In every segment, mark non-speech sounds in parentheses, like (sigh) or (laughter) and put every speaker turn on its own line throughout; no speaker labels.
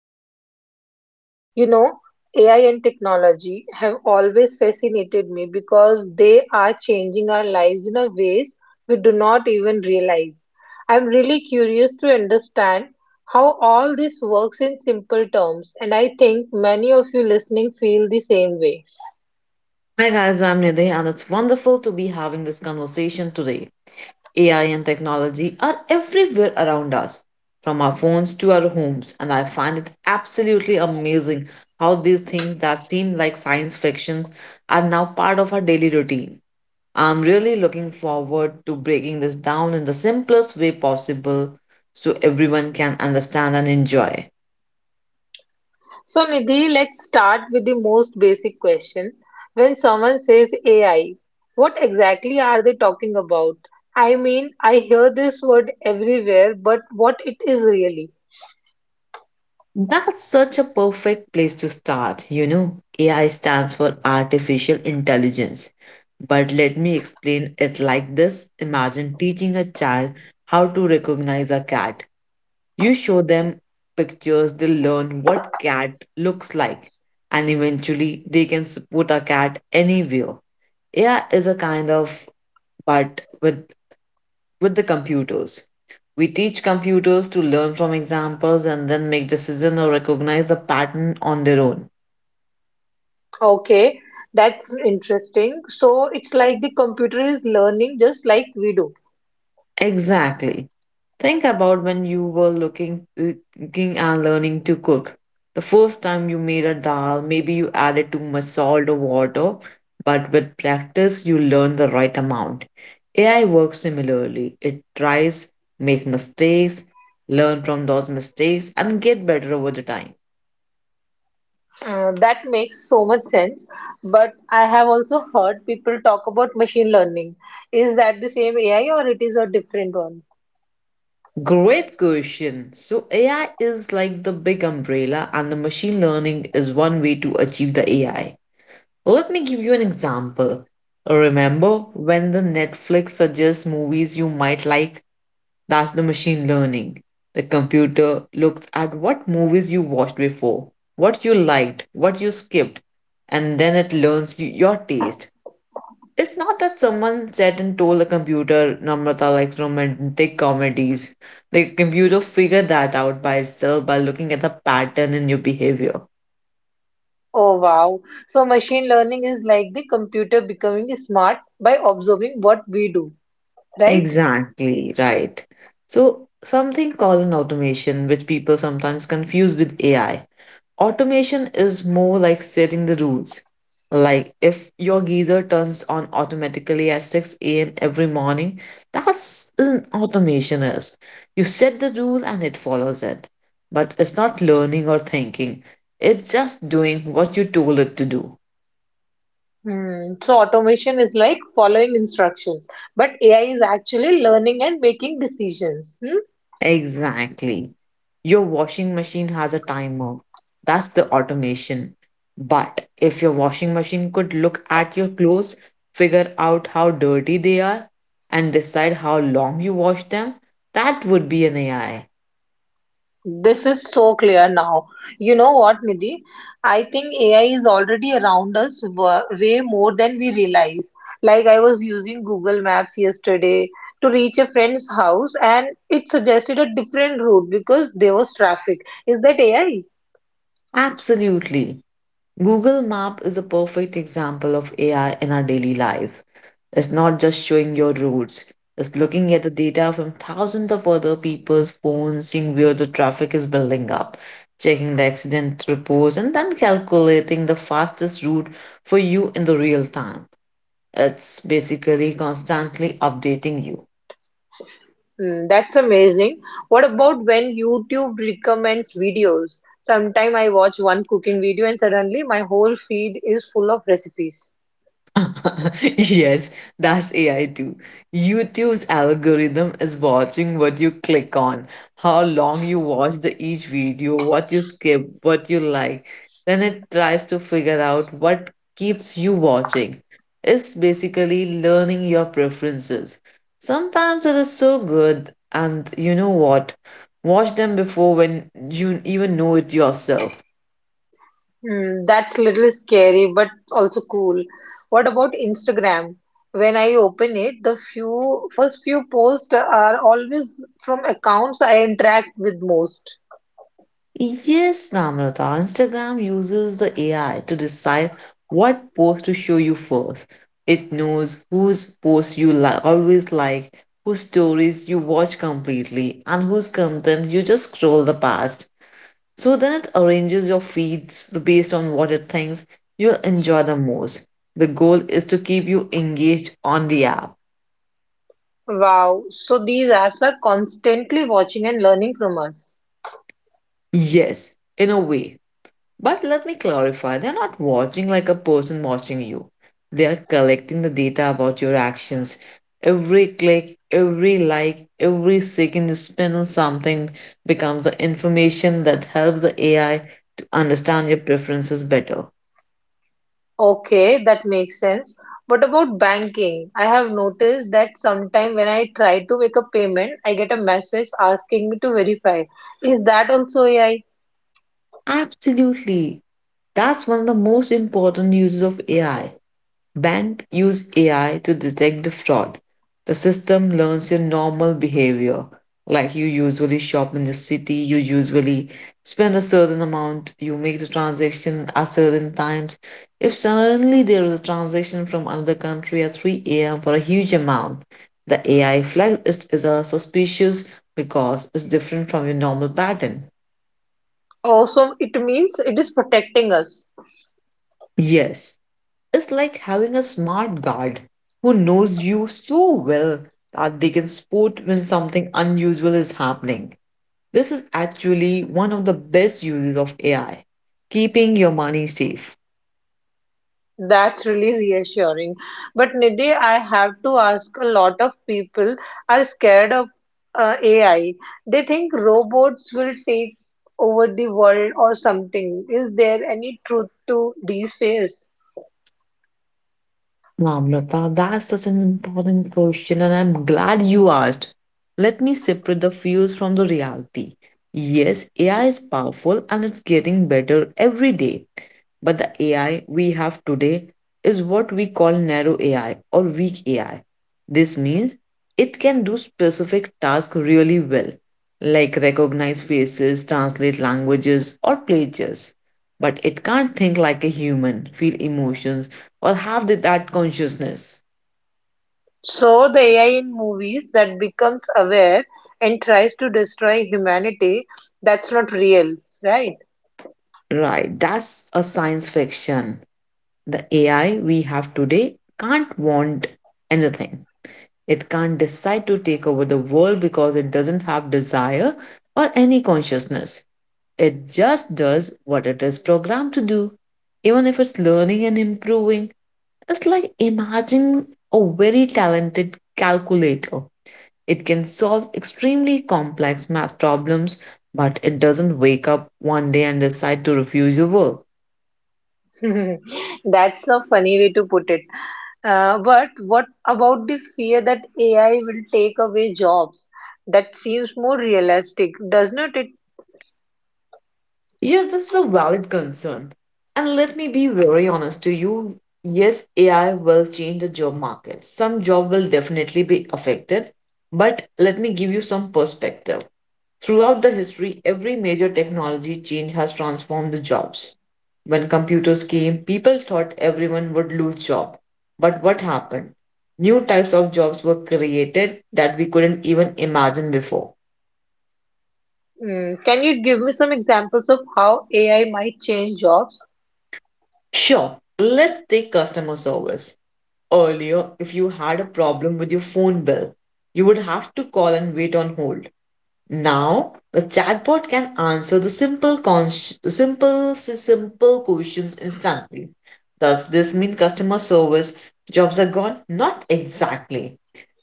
be here today. You know, AI and technology have always fascinated me because they are changing our lives in a ways we do not even realize. I'm really curious to understand how all this works in simple terms and I think many of you listening feel the same way.
Hi guys, I'm Nidhi, and it's wonderful to be having this conversation today. AI and technology are everywhere around us, from our phones to our homes, and I find it absolutely amazing how these things that seem like science fiction are now part of our daily routine. I'm really looking forward to breaking this down in the simplest way possible so everyone can understand and enjoy.
So, Nidhi, let's start with the most basic question. When someone says AI, what exactly are they talking about? I mean, I hear this word everywhere, but what it is really?
That's such a perfect place to start, you know. AI stands for artificial intelligence. But let me explain it like this. Imagine teaching a child how to recognize a cat. You show them pictures, they learn what cat looks like, and eventually they can spot a cat anywhere. AI is a kind of but with the computers. We teach computers to learn from examples and then make decisions or recognize the pattern on their own.
Okay, that's interesting. So, it's like the computer is learning just like we do.
Exactly. Think about when you were looking and learning to cook. The first time you made a dal, maybe you added too much salt or water, but with practice, you learn the right amount. AI works similarly. It tries, makes mistakes, learn from those mistakes, and get better over the time.
That makes so much sense. But I have also heard people talk about machine learning. Is that the same AI or it is a different one?
Great question. So AI is like the big umbrella and the machine learning is one way to achieve the AI. Let me give you an example. Remember when the Netflix suggests movies you might like? That's the machine learning. The computer looks at what movies you watched before, what you liked, what you skipped, and then it learns your taste. It's not that someone sat and told the computer Namrata likes romantic comedies. The computer figured that out by itself by looking at the pattern in your behavior.
Oh wow. So machine learning is like the computer becoming smart by observing what we do, right?
Exactly, right. So, something called an automation, which people sometimes confuse with AI. Automation is more like setting the rules. Like if your geyser turns on automatically at 6 a.m. every morning, that's an automation is. You set the rule and it follows it. But it's not learning or thinking. It's just doing what you told it to do.
Hmm. So automation is like following instructions, but AI is actually learning and making decisions. Hmm?
Exactly. Your washing machine has a timer. That's the automation. But if your washing machine could look at your clothes, figure out how dirty they are, and decide how long you wash them, that would be an AI.
This is so clear now. You know what, Nidhi? I think AI is already around us way more than we realize. Like I was using Google Maps yesterday to reach a friend's house and it suggested a different route because there was traffic. Is that AI?
Absolutely. Google Map is a perfect example of AI in our daily life. It's not just showing your routes, it's looking at the data from thousands of other people's phones, seeing where the traffic is building up, checking the accident reports, and then calculating the fastest route for you in the real time. It's basically constantly updating you.
Hmm, that's amazing. What about when YouTube recommends videos? Sometime I watch one cooking video and suddenly my whole feed is full of recipes.
(laughs) Yes, that's AI too. YouTube's algorithm is watching what you click on, how long you watch the each video, what you skip, what you like. Then it tries to figure out what keeps you watching. It's basically learning your preferences. Sometimes it is so good, and you know what? Watch them before when you even know it yourself.
Hmm, that's a little scary, but also cool. What about Instagram? When I open it, the few first few posts are always from accounts I interact with most.
Yes, Namrata, Instagram uses the AI to decide what post to show you first. It knows whose posts you always like, whose stories you watch completely, and whose content you just scroll the past. So then it arranges your feeds based on what it thinks you'll enjoy the most. The goal is to keep you engaged on the app.
Wow. So these apps are constantly watching and learning from us.
Yes, in a way. But let me clarify, they're not watching like a person watching you. They are collecting the data about your actions. Every click, every like, every second you spend on something becomes the information that helps the AI to understand your preferences better.
Okay, that makes sense. What about banking? I have noticed that sometime when I try to make a payment, I get a message asking me to verify. Is that also AI?
Absolutely. That's one of the most important uses of AI. Bank use AI to detect the fraud. The system learns your normal behavior, like you usually shop in the city, you usually spend a certain amount, you make the transaction at certain times. If suddenly there is a transaction from another country at 3 a.m. for a huge amount, the AI flags it as a suspicious because it's different from your normal pattern.
Also, it means it is protecting us.
Yes, it's like having a smart guard who knows you so well that they can spot when something unusual is happening. This is actually one of the best uses of AI keeping your money safe.
That's really reassuring. But Nidhi, I have to ask a lot of people are scared of AI. They think robots will take over the world or something. Is there any truth to these fears?
Wow, that's such an important question, and I'm glad you asked. Let me separate the fears from the reality. Yes, AI is powerful and it's getting better every day. But the AI we have today is what we call narrow AI or weak AI. This means it can do specific tasks really well, like recognize faces, translate languages, or play chess. But it can't think like a human, feel emotions, or have that consciousness.
So the AI in movies that becomes aware and tries to destroy humanity, that's not real, right?
Right, that's a science fiction. The AI we have today can't want anything. It can't decide to take over the world because it doesn't have desire or any consciousness. It just does what it is programmed to do. Even if it's learning and improving, it's like imagining a very talented calculator. It can solve extremely complex math problems, but it doesn't wake up one day and decide to refuse your work.
(laughs) That's a funny way to put it. But what about the fear that AI will take away jobs? That seems more realistic, does not it?
Yes, this is a valid concern. And let me be very honest to you. Yes, AI will change the job market. Some job will definitely be affected, but let me give you some perspective. Throughout the history, every major technology change has transformed the jobs. When computers came, people thought everyone would lose job. But what happened? New types of jobs were created that we couldn't even imagine before.
Mm, can you give me some examples of how AI might change jobs?
Sure, let's take customer service. Earlier, if you had a problem with your phone bill, you would have to call and wait on hold. Now, the chatbot can answer the simple questions instantly. Does this mean customer service jobs are gone? Not exactly.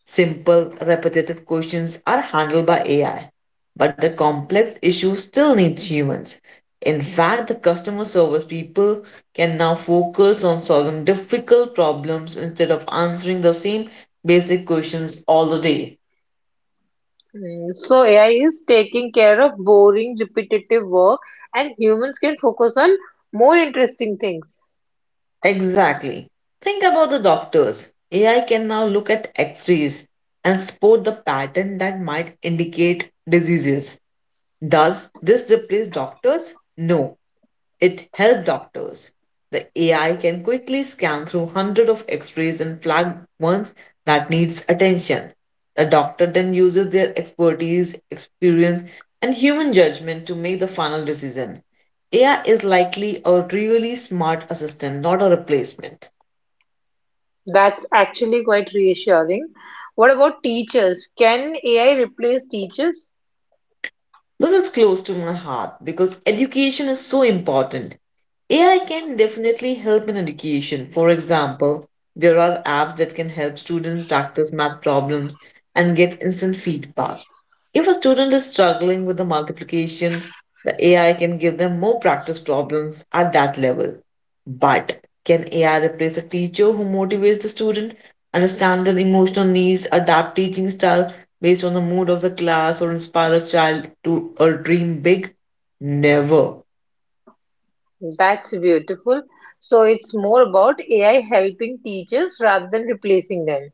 Simple, repetitive questions are handled by AI, but the complex issues still need humans. In fact, the customer service people can now focus on solving difficult problems instead of answering the same basic questions all the day.
Mm, so AI is taking care of boring, repetitive work, and humans can focus on more interesting things.
Exactly. Think about the doctors. AI can now look at x rays and spot the pattern that might indicate diseases. Does this replace doctors? No. It helped doctors. The AI can quickly scan through hundreds of x-rays and flag ones that needs attention. The doctor then uses their expertise, experience, and human judgment to make the final decision. AI is likely a really smart assistant, not a replacement.
That's actually quite reassuring. What about teachers? Can AI replace teachers?
This is close to my heart because education is so important. AI can definitely help in education. For example, there are apps that can help students practice math problems and get instant feedback. If a student is struggling with the multiplication, the AI can give them more practice problems at that level. But can AI replace a teacher who motivates the student, understand their emotional needs, adapt teaching style, based on the mood of the class or inspire a child to or dream big? Never.
That's beautiful. So it's more about AI helping teachers rather than replacing them.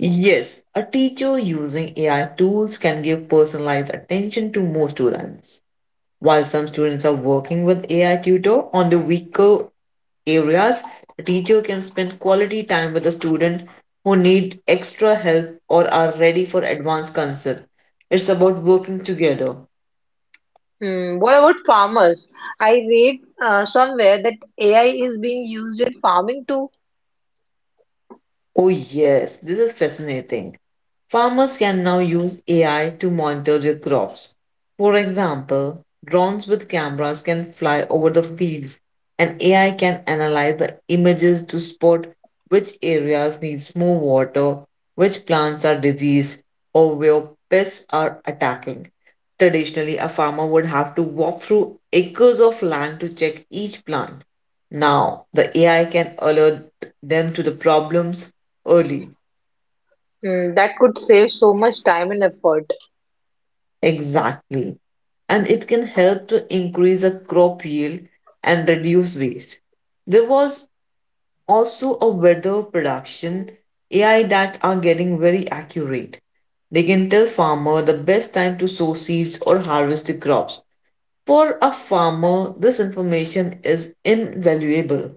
Yes, a teacher using AI tools can give personalized attention to more students. While some students are working with AI tutor on the weaker areas, the teacher can spend quality time with the student who need extra help or are ready for advanced concepts. It's about working together.
Hmm. What about farmers? I read somewhere that AI is being used in farming too.
Oh, yes, this is fascinating. Farmers can now use AI to monitor their crops. For example, drones with cameras can fly over the fields, and AI can analyze the images to spot which areas needs more water, which plants are diseased, or where pests are attacking. Traditionally, a farmer would have to walk through acres of land to check each plant. Now, the AI can alert them to the problems, early.
Hmm. That could save so much time and effort.
Exactly. And it can help to increase a crop yield and reduce waste. There was also a weather production AI that are getting very accurate. They can tell farmer the best time to sow seeds or harvest the crops. For a farmer, this information is invaluable.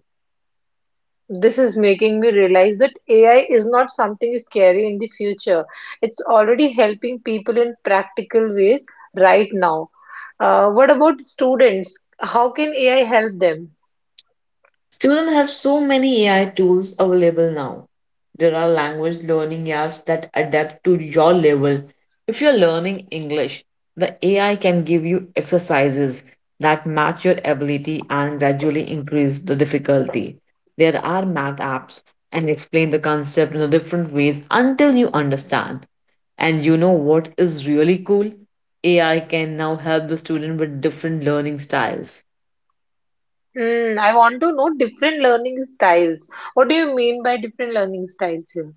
This is making me realize that AI is not something scary in the future. It's already helping people in practical ways right now. What about students? How can AI help them?
Students have so many AI tools available now. There are language learning apps that adapt to your level. If you're learning English, the AI can give you exercises that match your ability and gradually increase the difficulty. There are math apps and explain the concept in a different ways until you understand. And you know what is really cool? AI can now help the student with different learning styles.
Hmm, I want to know different learning styles. What do you mean by different learning styles here?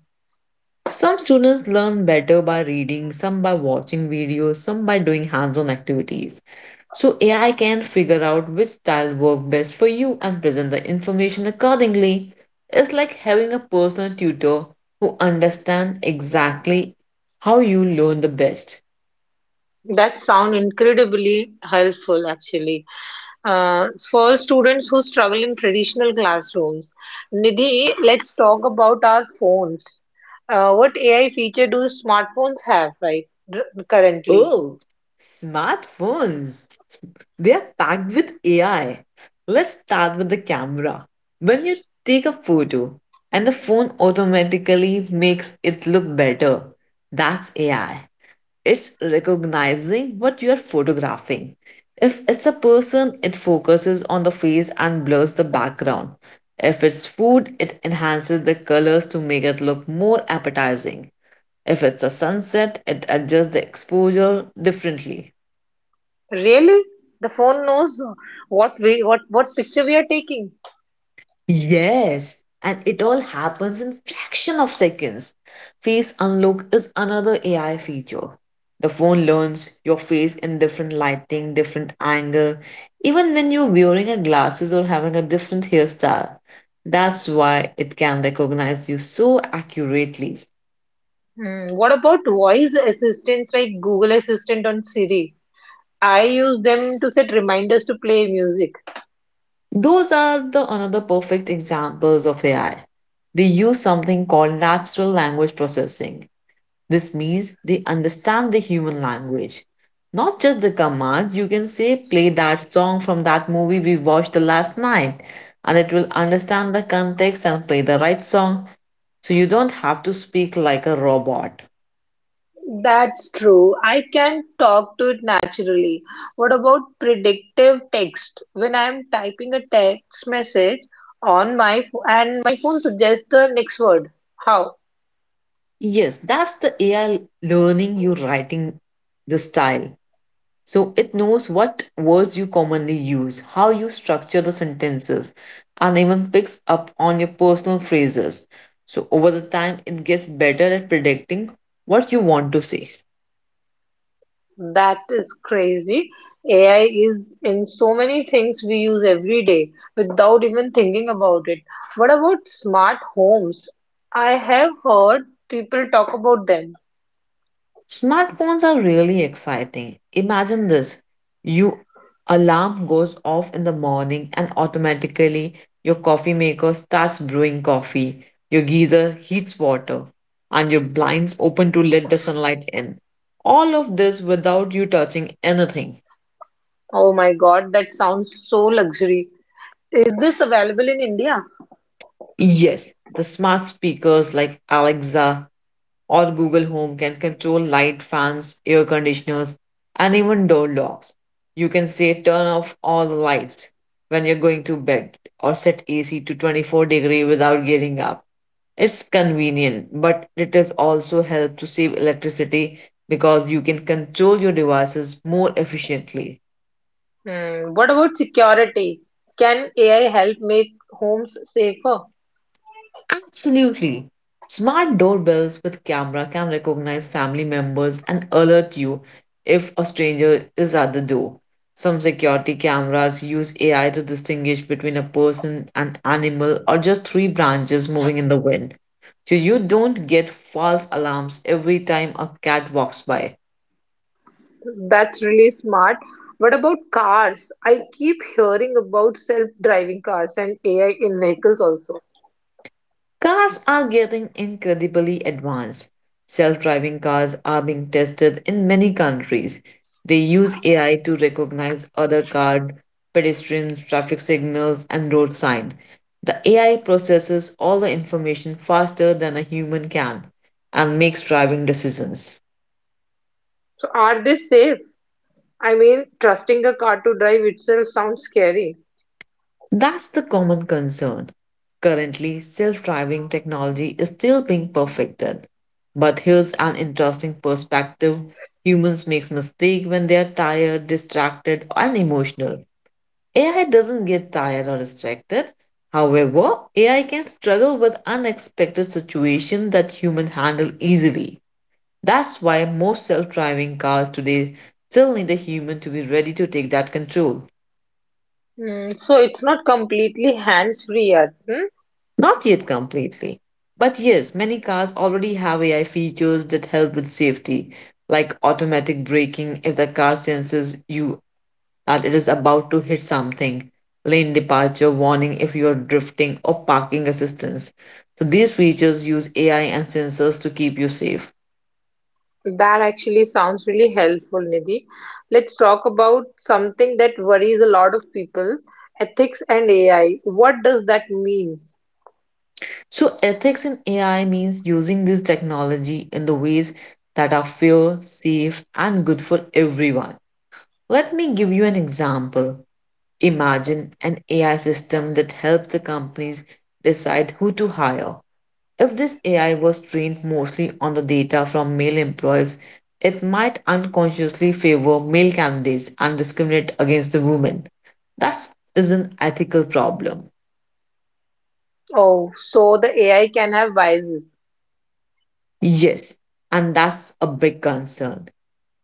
Some students learn better by reading, some by watching videos, some by doing hands on activities. So, AI can figure out which style works best for you and present the information accordingly. It's like having a personal tutor who understands exactly how you learn the best.
That sound incredibly helpful, actually. For students who struggle in traditional classrooms, Nidhi, let's talk about our phones. What AI feature do smartphones have right currently?
Oh, smartphones! They are packed with AI. Let's start with the camera. When you take a photo and the phone automatically makes it look better, that's AI. It's recognizing what you are photographing. If it's a person, it focuses on the face and blurs the background. If it's food, it enhances the colors to make it look more appetizing. If it's a sunset, it adjusts the exposure differently.
Really? The phone knows what picture we are taking.
Yes, and it all happens in fraction of seconds. Face unlock is another AI feature. The phone learns your face in different lighting, different angle, even when you're wearing a glasses or having a different hairstyle. That's why it can recognize you so accurately.
Hmm, what about voice assistants like Google Assistant on Siri? I use them to set reminders to play music.
Those are the another perfect examples of AI. They use something called natural language processing. This means they understand the human language. Not just the commands, you can say, play that song from that movie we watched the last night, and it will understand the context and play the right song, so you don't have to speak like a robot.
That's true. I can talk to it naturally. What about predictive text? When I'm typing a text message on my ph- and my phone suggests the next word. How?
Yes, that's the AI learning you writing the style. So it knows what words you commonly use, how you structure the sentences, and even picks up on your personal phrases. So over the time, it gets better at predicting what you want to say.
That is crazy. AI is in so many things we use every day without even thinking about it. What about smart homes? I have heard people talk about them.
Smartphones are really exciting. Imagine this. Your alarm goes off in the morning and automatically your coffee maker starts brewing coffee, your geyser heats water, and your blinds open to let the sunlight in. All of this without you touching anything.
Oh my God, that sounds so luxury. Is this available in India?
Yes, the smart speakers like Alexa or Google Home can control light, fans, air conditioners, and even door locks. You can say turn off all the lights when you're going to bed or set AC to 24 degree without getting up. It's convenient, but it is also help to save electricity because you can control your devices more efficiently.
Hmm, what about security? Can AI help make homes safer?
Absolutely. Smart doorbells with camera can recognize family members and alert you if a stranger is at the door. Some security cameras use AI to distinguish between a person, an animal, or just three branches moving in the wind. So you don't get false alarms every time a cat walks by.
That's really smart. What about cars? I keep hearing about self-driving cars and AI in vehicles also.
Cars are getting incredibly advanced. Self driving cars are being tested in many countries. They use AI to recognize other cars, pedestrians, traffic signals, and road signs. The AI processes all the information faster than a human can and makes driving decisions.
So are they safe? I mean, trusting a car to drive itself sounds scary.
That's the common concern. Currently, self driving technology is still being perfected. But here's an interesting perspective, humans make mistakes when they are tired, distracted, and emotional. AI doesn't get tired or distracted. However, AI can struggle with unexpected situations that humans handle easily. That's why most self driving cars today still need a human to be ready to take that control.
Hmm, so it's not completely hands-free yet, hmm?
Not yet completely. But yes, many cars already have AI features that help with safety, like automatic braking if the car senses you that it is about to hit something, lane departure warning if you are drifting, or parking assistance. So these features use AI and sensors to keep you safe.
That actually sounds really helpful, Nidhi. Let's talk about something that worries a lot of people, ethics and AI. What does that mean?
So ethics in AI means using this technology in the ways that are fair, safe, and good for everyone. Let me give you an example. Imagine an AI system that helps the companies decide who to hire. If this AI was trained mostly on the data from male employees, it might unconsciously favor male candidates and discriminate against the women. That is an ethical problem.
Oh, so the AI can have biases.
Yes, and that's a big concern.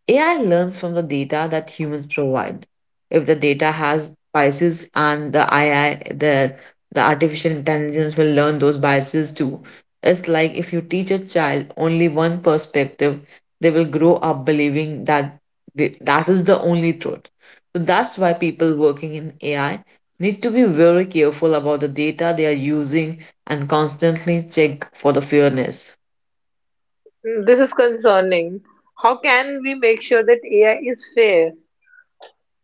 AI learns from the data that humans provide. If the data has biases and the AI, the artificial intelligence will learn those biases too. It's like if you teach a child only one perspective, they will grow up believing that that is the only truth. So that's why people working in AI need to be very careful about the data they are using and constantly check for the fairness.
Mm, this is concerning. How can we make sure that AI is fair?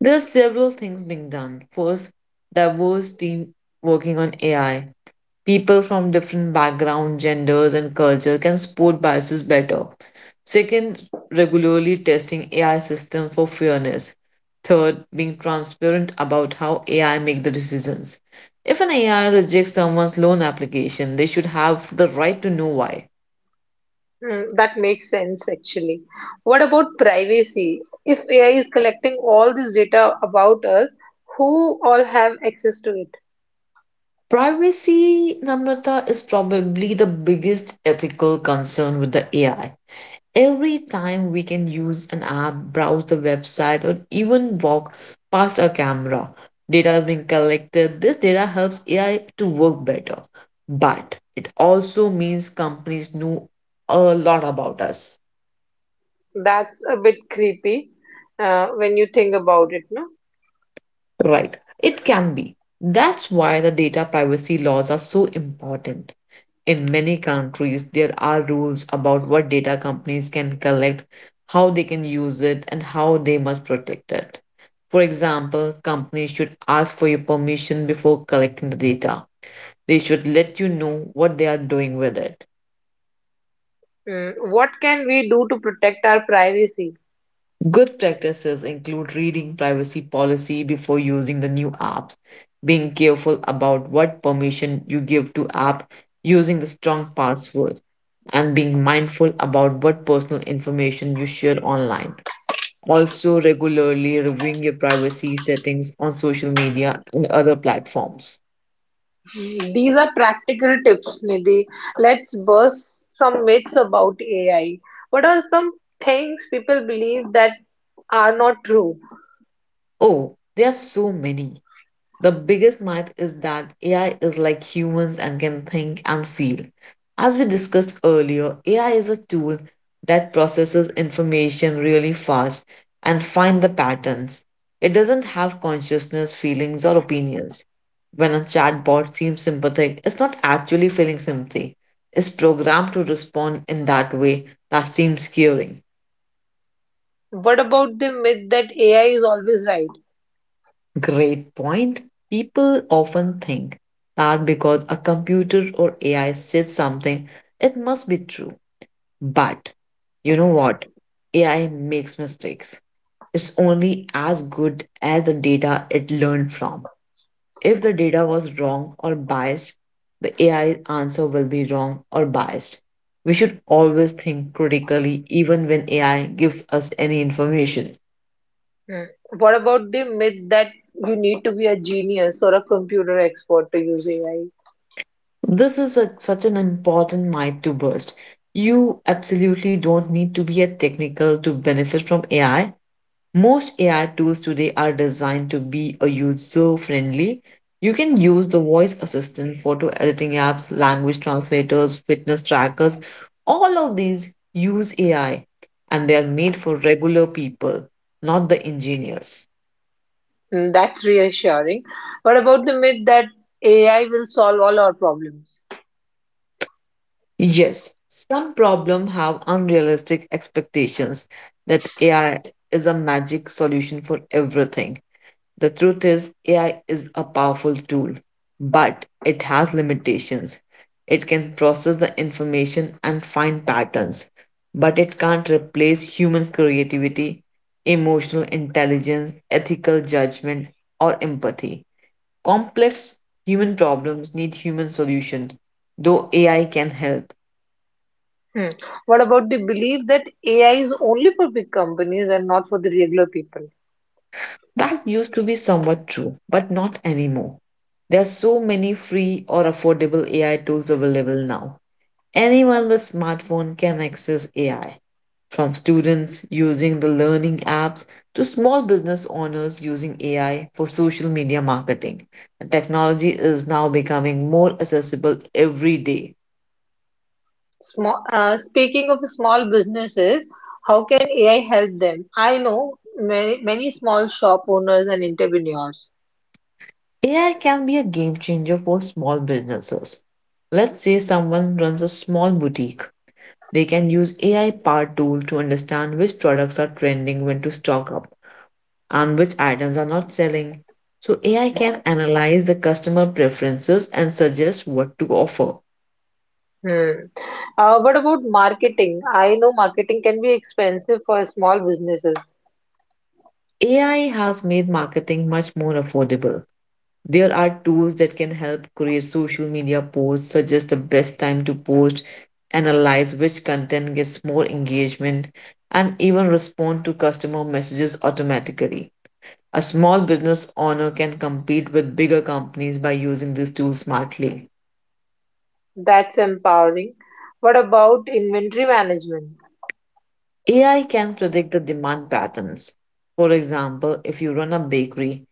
There are several things being done. First, diverse team working on AI. People from different background, genders, and culture can spot biases better. Second, regularly testing AI system for fairness. Third, being transparent about how AI make the decisions. If an AI rejects someone's loan application, they should have the right to know why.
Mm, that makes sense, actually. What about privacy? If AI is collecting all this data about us, who all have access to it?
Privacy, Namrata, is probably the biggest ethical concern with the AI. Every time we can use an app, browse the website, or even walk past a camera, data is being collected. This data helps AI to work better, but it also means companies know a lot about us,
That's a bit creepy when you think about it, no?
right? It can be. That's why the data privacy laws are so important. In many countries, there are rules about what data companies can collect, how they can use it, and how they must protect it. For example, companies should ask for your permission before collecting the data. They should let you know what they are doing with it.
Mm, what can we do to protect our privacy?
Good practices include reading privacy policy before using the new apps, being careful about what permission you give to app, using the strong password, and being mindful about what personal information you share online. Also, regularly reviewing your privacy settings on social media and other platforms.
These are practical tips, Nidhi. Let's burst some myths about AI. What are some things people believe that are not true?
Oh, there are so many. The biggest myth is that AI is like humans and can think and feel. As we discussed earlier, AI is a tool that processes information really fast and find the patterns. It doesn't have consciousness, feelings, or opinions. When a chatbot seems sympathetic, it's not actually feeling sympathy. It's programmed to respond in that way that seems caring.
What about the myth that AI is always right?
Great point. People often think that because a computer or AI says something, it must be true. But you know what? AI makes mistakes. It's only as good as the data it learned from. If the data was wrong or biased, the AI answer will be wrong or biased. We should always think critically even when AI gives us any information.
Hmm. What about the myth that you need to be a genius or a computer expert to use AI?
This is a, such an important myth to burst. You absolutely don't need to be a technical to benefit from AI. Most AI tools today are designed to be a user friendly. You can use the voice assistant, photo editing apps, language translators, fitness trackers. All of these use AI and they are made for regular people, not the engineers.
Hmm. That's reassuring. What about the myth that AI will solve all our problems?
Yes, some problems have unrealistic expectations that AI is a magic solution for everything. The truth is, AI is a powerful tool, but it has limitations. It can process the information and find patterns, but it can't replace human creativity, emotional intelligence, ethical judgment, or empathy. Complex human problems need human solutions, though AI can help.
Hmm. What about the belief that AI is only for big companies and not for the regular people?
That used to be somewhat true, but not anymore. There are so many free or affordable AI tools available now. Anyone with smartphone can access AI, from students using the learning apps to small business owners using AI for social media marketing. Technology is now becoming more accessible every day.
Speaking of small businesses, how can AI help them? I know many, many small shop owners and entrepreneurs.
AI can be a game changer for small businesses. Let's say someone runs a small boutique. They can use AI powered tools to understand which products are trending, when to stock up, and which items are not selling. So AI can analyze the customer preferences and suggest what to offer.
Hmm. What about marketing? I know marketing can be expensive for small businesses.
AI has made marketing much more affordable. There are tools that can help create social media posts, suggest the best time to post, analyze which content gets more engagement, and even respond to customer messages automatically. A small business owner can compete with bigger companies by using these tools smartly.
That's empowering. What about inventory management?
AI can predict the demand patterns. For example, if you run a bakery,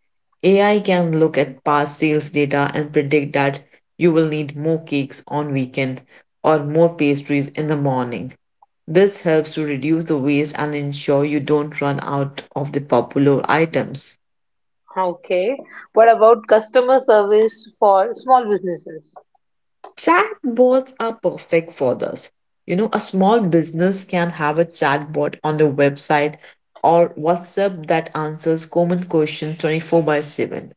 AI can look at past sales data and predict that you will need more cakes on weekend or more pastries in the morning. This helps to reduce the waste and ensure you don't run out of the popular items.
Okay. What about customer service for small businesses?
Chatbots are perfect for this. You know, a small business can have a chatbot on their website or WhatsApp that answers common questions 24 by 7.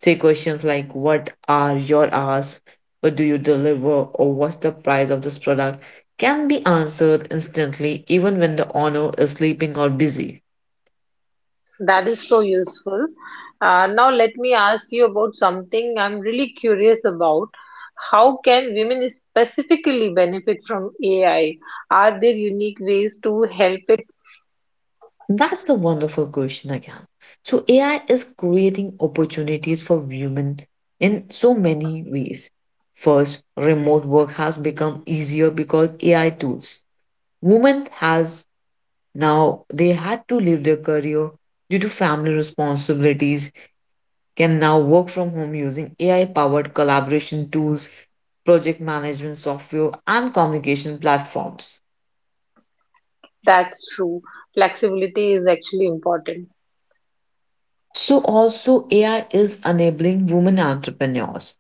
Say questions like what are your hours, what do you deliver, or what's the price of this product can be answered instantly even when the owner is sleeping or busy.
That is so useful. Now, let me ask you about something I'm really curious about. How can women specifically benefit from AI? Are there unique ways to help it?
That's the wonderful question again. So AI is creating opportunities for women in so many ways. First, remote work has become easier because AI tools. Women has now they had to leave their career due to family responsibilities can now work from home using AI powered collaboration tools, project management software and communication platforms.
That's true. Flexibility is actually important.
So also AI is enabling women entrepreneurs.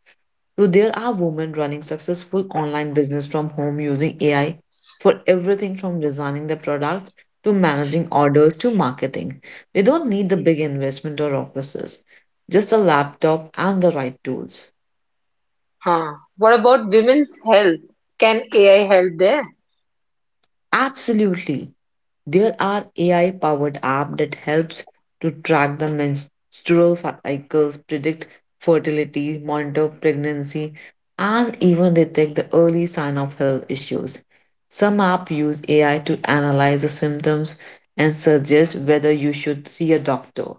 So there are women running successful online business from home using AI for everything from designing the products to managing orders to marketing. They don't need the big investment or offices, just a laptop and the right tools.
Huh. What about women's health? Can AI help there?
Absolutely. There are AI powered app that helps to track the menstrual cycles, predict fertility, monitor pregnancy, and even detect the early sign of health issues. Some apps use AI to analyze the symptoms and suggest whether you should see a doctor.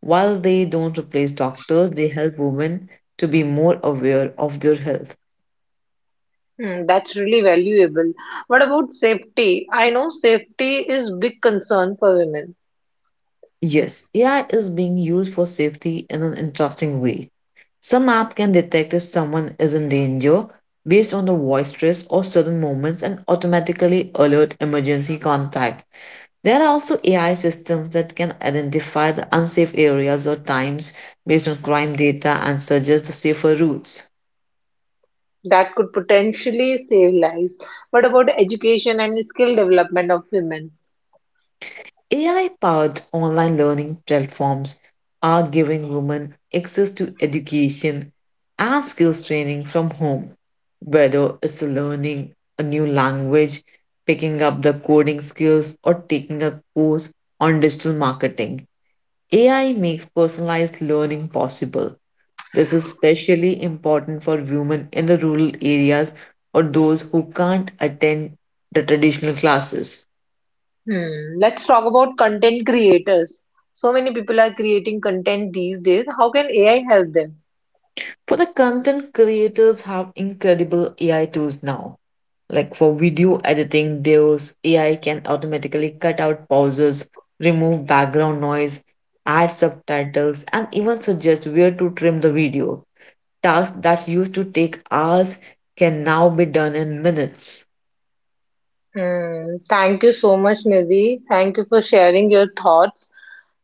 While they don't replace doctors, they help women to be more aware of their health.
Hmm, that's really valuable. What about safety? I know safety is big concern for women.
Yes, AI is being used for safety in an interesting way. Some app can detect if someone is in danger based on the voice stress or sudden movements and automatically alert emergency contact. There are also AI systems that can identify the unsafe areas or times based on crime data and suggest the safer routes.
That could potentially save lives. What about education and skill development of women?
AI powered online learning platforms are giving women access to education and skills training from home, whether it's learning a new language, picking up the coding skills, or taking a course on digital marketing. AI makes personalized learning possible. This is especially important for women in the rural areas or those who can't attend the traditional classes.
Hmm. Let's talk about content creators. So many people are creating content these days. How can AI help them?
For the content creators have incredible AI tools now. Like for video editing, those AI can automatically cut out pauses, remove background noise, add subtitles, and even suggest where to trim the video. Tasks that used to take hours can now be done in minutes.
Hmm. Thank you so much, Nidhi. Thank you for sharing your thoughts.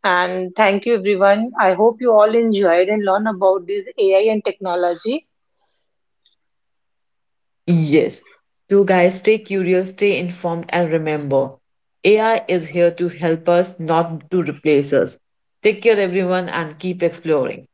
And thank you, everyone. I hope you all enjoyed and learned about this AI and technology.
Yes. So, guys, stay curious, stay informed, and remember AI is here to help us, not to replace us. Take care, everyone, and keep exploring.